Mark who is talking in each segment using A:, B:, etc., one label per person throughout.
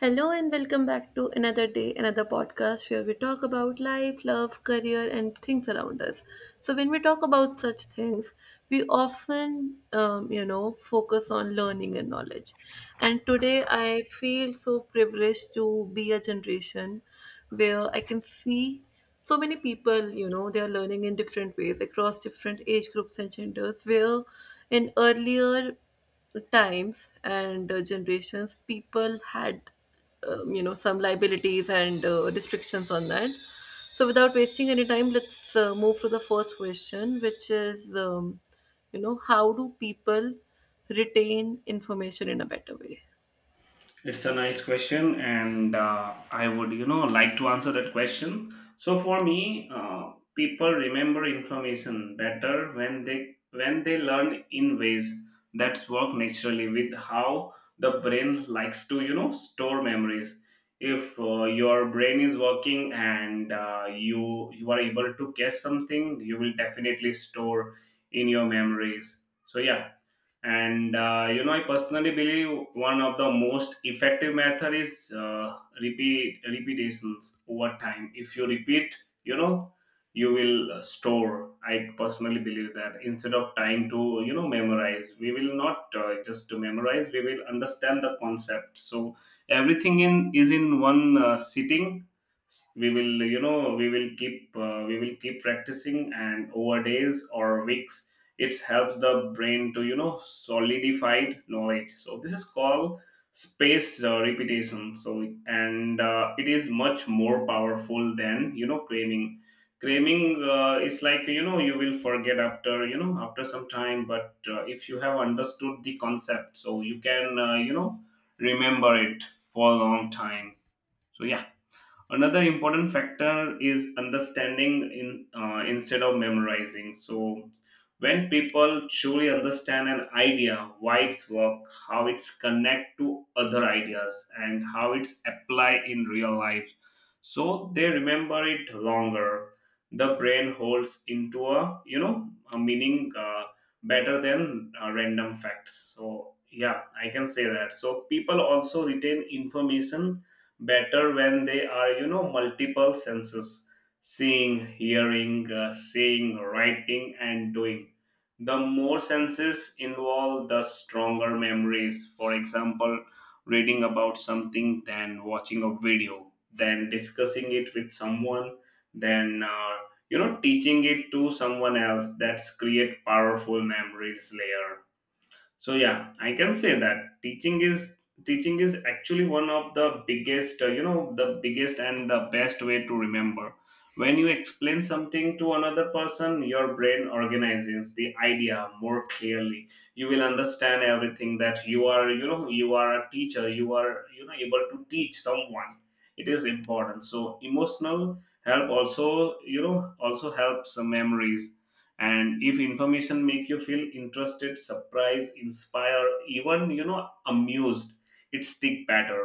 A: Hello and welcome back to another day, another podcast where we talk about life, love, career, and things around us. So, when we talk about such things, we often, focus on learning and knowledge. And today, I feel so privileged to be a generation where I can see so many people, you know, they are learning in different ways across different age groups and genders. Where in earlier times and generations people had some liabilities and restrictions on that. So without wasting any time, let's move to the first question, which is how do people retain information in a better way?
B: It's a nice question, and I would like to answer that question. So for me, people remember information better when they learn in ways that work naturally with how the brain likes to store memories. If your brain is working and you are able to catch something, you will definitely store in your memories. So yeah, and I personally believe one of the most effective method is repeat repetitions over time. If you repeat, you know you will store. I personally believe that instead of trying to memorize, we will not just to memorize, we will understand the concept, so everything in is in one sitting. We will we will keep practicing, and over days or weeks it helps the brain to solidified knowledge. So this is called space repetition. So and it is much more powerful than craving. Craving is like you will forget after you know after some time. But if you have understood the concept, so you can remember it for a long time. So yeah, another important factor is understanding in instead of memorizing. So when people truly understand an idea, why it's work, how it's connect to other ideas, and how it's apply in real life, so they remember it longer. The brain holds into a you know a meaning, better than random facts. So yeah, I can say that. So people also retain information better when they are multiple senses: seeing, hearing, seeing, writing, and doing. The more senses involved, the stronger memories. For example, reading about something, then watching a video, then discussing it with someone, then teaching it to someone else, that's create powerful memories layer. So yeah, I can say that teaching is actually one of the biggest the biggest and the best way to remember. When you explain something to another person, your brain organizes the idea more clearly. You will understand everything, that you are a teacher, you are able to teach someone. It is important. So emotional help also you know also helps memories. And if information make you feel interested, surprised, inspired, even amused, it stick better.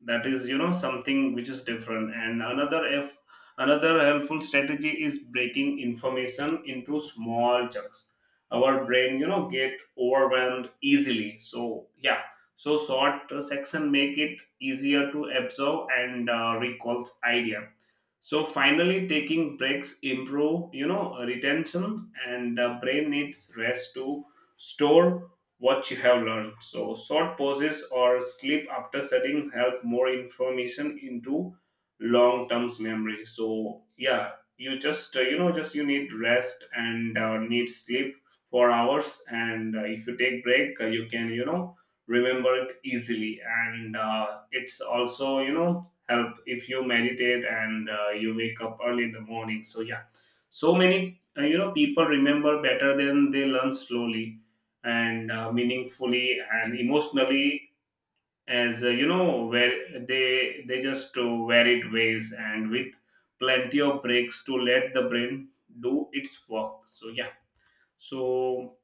B: That is something which is different. And another helpful strategy is breaking information into small chunks. Our brain get overwhelmed easily. So yeah, so short section make it easier to absorb and recalls idea. So finally, taking breaks improve retention, and the brain needs rest to store what you have learned. So short pauses or sleep after studying help more information into long term memory. So yeah, you just just you need rest and need sleep for hours. And if you take break, you can remember it easily. And it's also help if you meditate and you wake up early in the morning. So yeah, so many people remember better than they learn slowly and meaningfully and emotionally, as where they just varied ways and with plenty of breaks to let the brain do its work. So yeah, so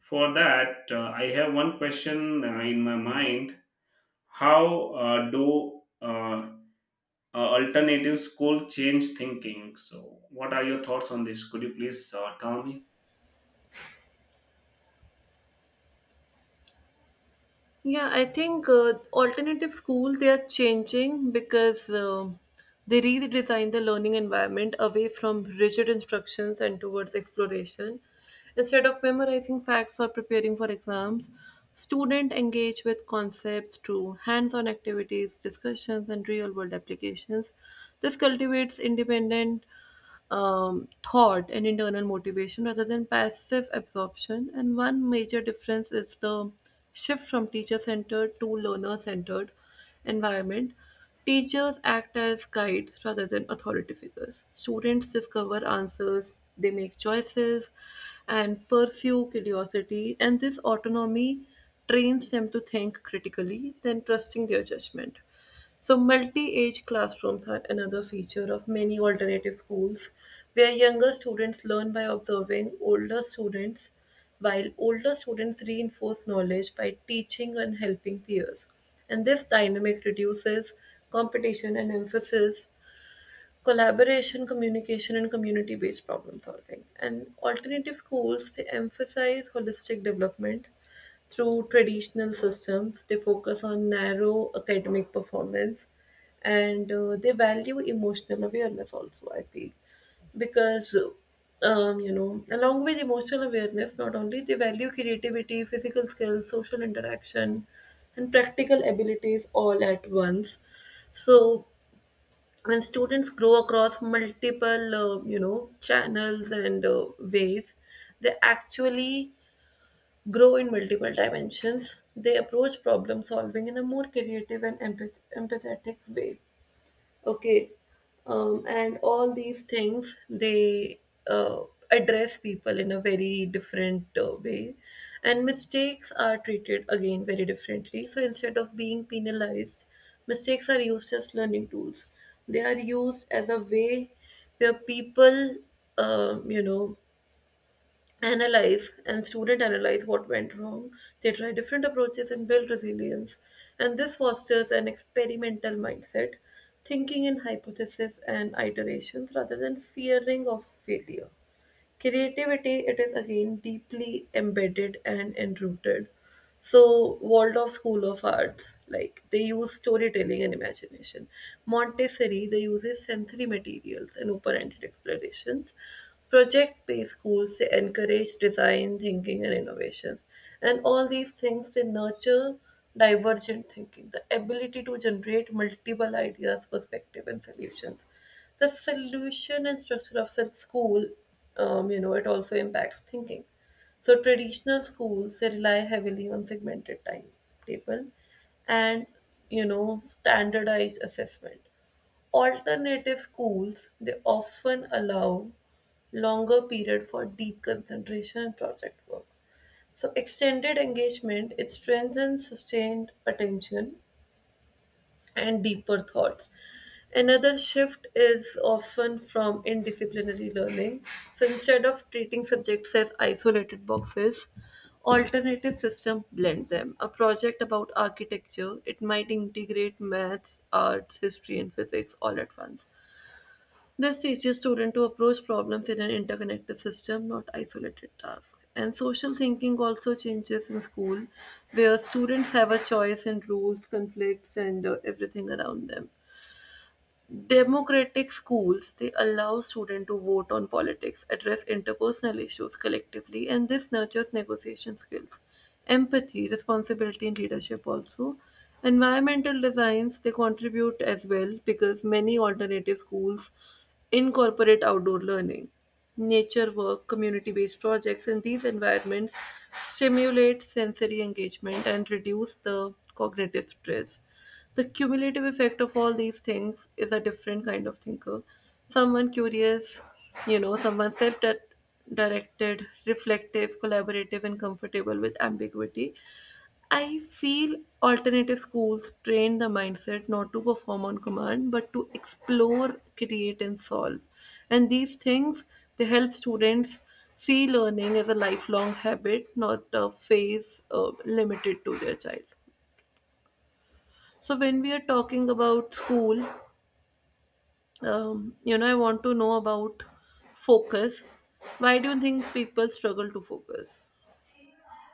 B: for that, I have one question in my mind. How do alternative school change thinking? So, what are your thoughts on this? Could you please tell me?
A: Yeah, I think alternative school, they are changing because they redesign the learning environment away from rigid instructions and towards exploration. Instead of memorizing facts or preparing for exams, students engage with concepts through hands-on activities, discussions, and real-world applications. This cultivates independent thought and internal motivation rather than passive absorption. And one major difference is the shift from teacher centered to learner centered environment. Teachers act as guides rather than authority figures. Students discover answers, they make choices, and pursue curiosity, and this autonomy trains them to think critically, then trusting their judgment. So, multi age classrooms are another feature of many alternative schools, where younger students learn by observing older students, while older students reinforce knowledge by teaching and helping peers. And this dynamic reduces competition and emphasis collaboration, communication, and community based problem solving. And alternative schools, they emphasize holistic development through traditional systems. They focus on narrow academic performance and they value emotional awareness also, I feel. Because, you know, along with emotional awareness, not only they value creativity, physical skills, social interaction, and practical abilities all at once. So, when students grow across multiple channels and ways, they actually grow in multiple dimensions. They approach problem solving in a more creative and empathetic way, okay. And all these things, they uh, address people in a very different way. And mistakes are treated again very differently. So instead of being penalized, mistakes are used as learning tools. They are used as a way where people um, you know analyze, and student analyze what went wrong. They try different approaches and build resilience. And this fosters an experimental mindset, thinking in hypotheses and iterations rather than fearing of failure. Creativity, it is again deeply embedded and enrooted. So Waldorf School of Arts, like, they use storytelling and imagination. Montessori, they uses sensory materials and open-ended explorations. Project-based schools, they encourage design, thinking, and innovations. And all these things, they nurture divergent thinking, the ability to generate multiple ideas, perspective, and solutions. The solution and structure of such school, you know, it also impacts thinking. So traditional schools, they rely heavily on segmented timetable and, you know, standardized assessment. Alternative schools, they often allow longer period for deep concentration and project work. So extended engagement, it strengthens sustained attention and deeper thoughts. Another shift is often from indisciplinary learning. So instead of treating subjects as isolated boxes, alternative system blend them. A project about architecture, it might integrate maths, arts, history and physics all at once. This teaches students to approach problems in an interconnected system, not isolated tasks. And social thinking also changes in school, where students have a choice in rules, conflicts, and everything around them. Democratic schools, they allow students to vote on politics, address interpersonal issues collectively, and this nurtures negotiation skills, empathy, responsibility, and leadership also. Environmental designs, they contribute as well because many alternative schools incorporate outdoor learning, nature work, community-based projects, and these environments stimulate sensory engagement and reduce the cognitive stress. The cumulative effect of all these things is a different kind of thinker. Someone curious, you know, someone self directed, reflective, collaborative, and comfortable with ambiguity. I feel alternative schools train the mindset not to perform on command but to explore, create, and solve. And these things, they help students see learning as a lifelong habit, not a phase limited to their child. So when we are talking about school, you know, I want to know about focus. Why do you think people struggle to focus?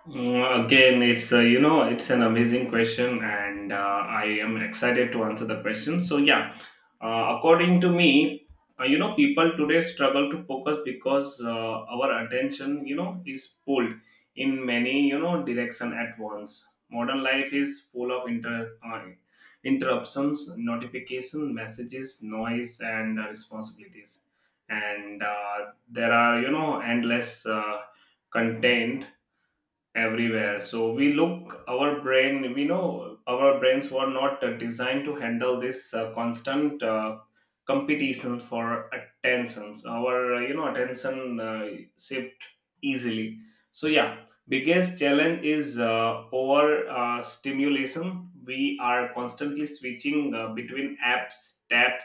B: Again, it's you know it's an amazing question, and I am excited to answer the question. So yeah, according to me, people today struggle to focus because our attention is pulled in many direction at once. Modern life is full of interruptions, notification, messages, noise, and responsibilities, and there are endless content everywhere. So we look, our brain, we know our brains were not designed to handle this constant competition for attentions. Our attention shift easily. So yeah, biggest challenge is over stimulation. We are constantly switching between apps, tabs,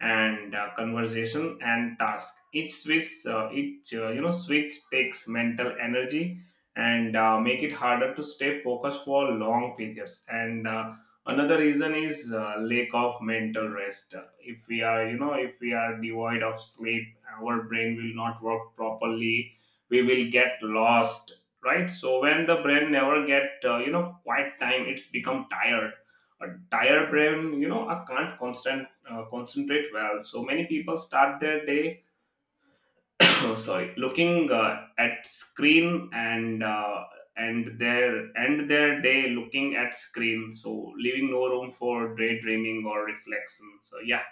B: and conversation and task. Each switch takes mental energy and make it harder to stay focused for long periods. And another reason is lack of mental rest. If we are you know if we are devoid of sleep, our brain will not work properly, we will get lost, right? So when the brain never get quiet time, it's become tired. A tired brain, I can't constant concentrate well. So many people start their day, no sorry, looking at screen, and their end their day looking at screen, so leaving no room for daydreaming or reflection. So yeah,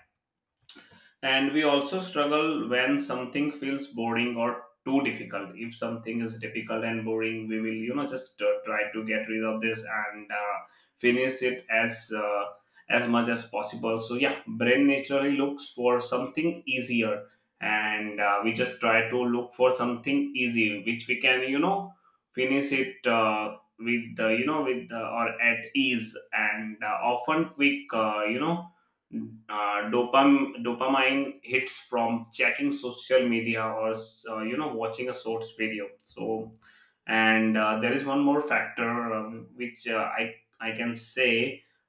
B: and we also struggle when something feels boring or too difficult. If something is difficult and boring, we will just try to get rid of this and finish it as much as possible. So yeah, brain naturally looks for something easier, and we just try to look for something easy which we can finish it with you know with or at ease, and often quick Mm. Dopamine hits from checking social media or watching a source video. So, and there is one more factor, which, I can say,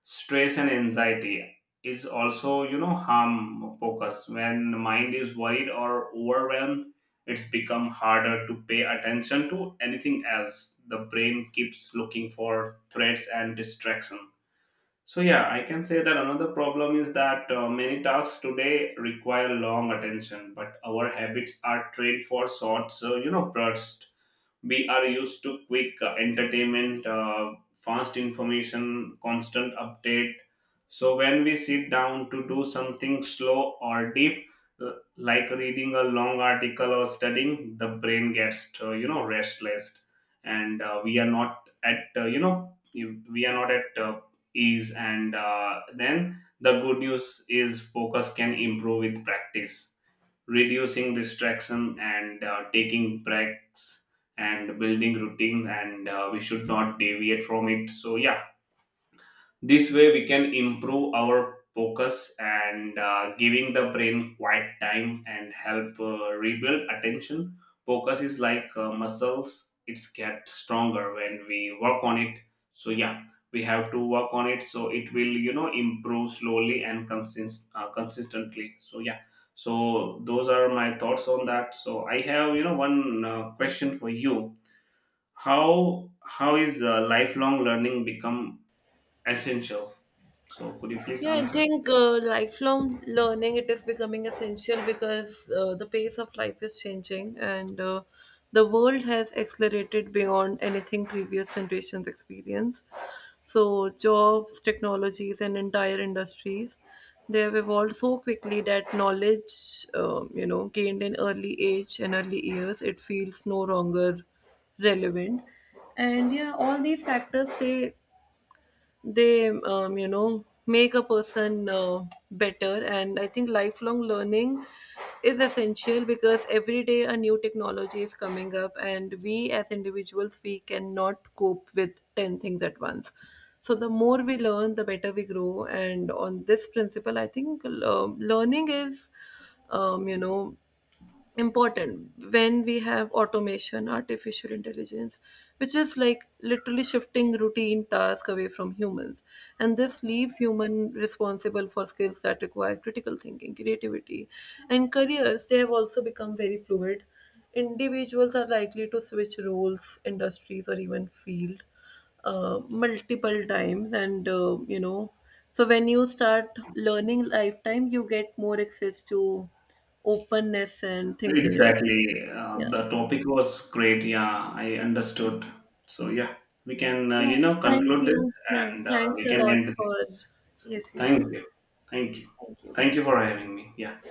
B: stress and anxiety is also harm focus. When the mind is worried or overwhelmed, it's become harder to pay attention to anything else. The brain keeps looking for threats and distraction. So yeah, I can say that another problem is that many tasks today require long attention, but our habits are trained for short, bursts. We are used to quick entertainment, fast information, constant update. So when we sit down to do something slow or deep, uh, like reading a long article or studying, the brain gets restless. And we are not at we are not at ease. And then the good news is, focus can improve with practice, reducing distraction and taking breaks and building routine, and we should not deviate from it. So yeah, this way, we can improve our focus and giving the brain quiet time and help rebuild attention. Focus is like muscles; it's get stronger when we work on it. So yeah, we have to work on it. So it will improve slowly and consistently. So yeah, so those are my thoughts on that. So I have one question for you. How is lifelong learning become essential? So could you please
A: Yeah, I
B: answer?
A: think lifelong learning, it is becoming essential because the pace of life is changing, and the world has accelerated beyond anything previous generations experience. So jobs, technologies, and entire industries, they have evolved so quickly that knowledge, gained in early age and early years, it feels no longer relevant. And yeah, all these factors, they make a person better. And I think lifelong learning is essential because every day a new technology is coming up, and we as individuals, we cannot cope with 10 things at once. So the more we learn, the better we grow. And on this principle, I think, learning is, you know, important when we have automation, artificial intelligence, which is like literally shifting routine tasks away from humans. And this leaves human responsible for skills that require critical thinking, creativity. And careers, they have also become very fluid. Individuals are likely to switch roles, industries, or even field multiple times. And you know So when you start learning lifetime, you get more access to openness and things in your life.
B: Exactly.
A: Yeah.
B: The topic was great. Yeah, I
A: Yeah.
B: understood. So yeah, we can
A: Yeah. Thank
B: conclude this
A: you. Yeah.
B: and
A: Thanks
B: we
A: a
B: can
A: lot
B: end this.
A: for. Yes, yes.
B: Thank you. Thank you.
A: Thank you.
B: Thank you for having me. Yeah.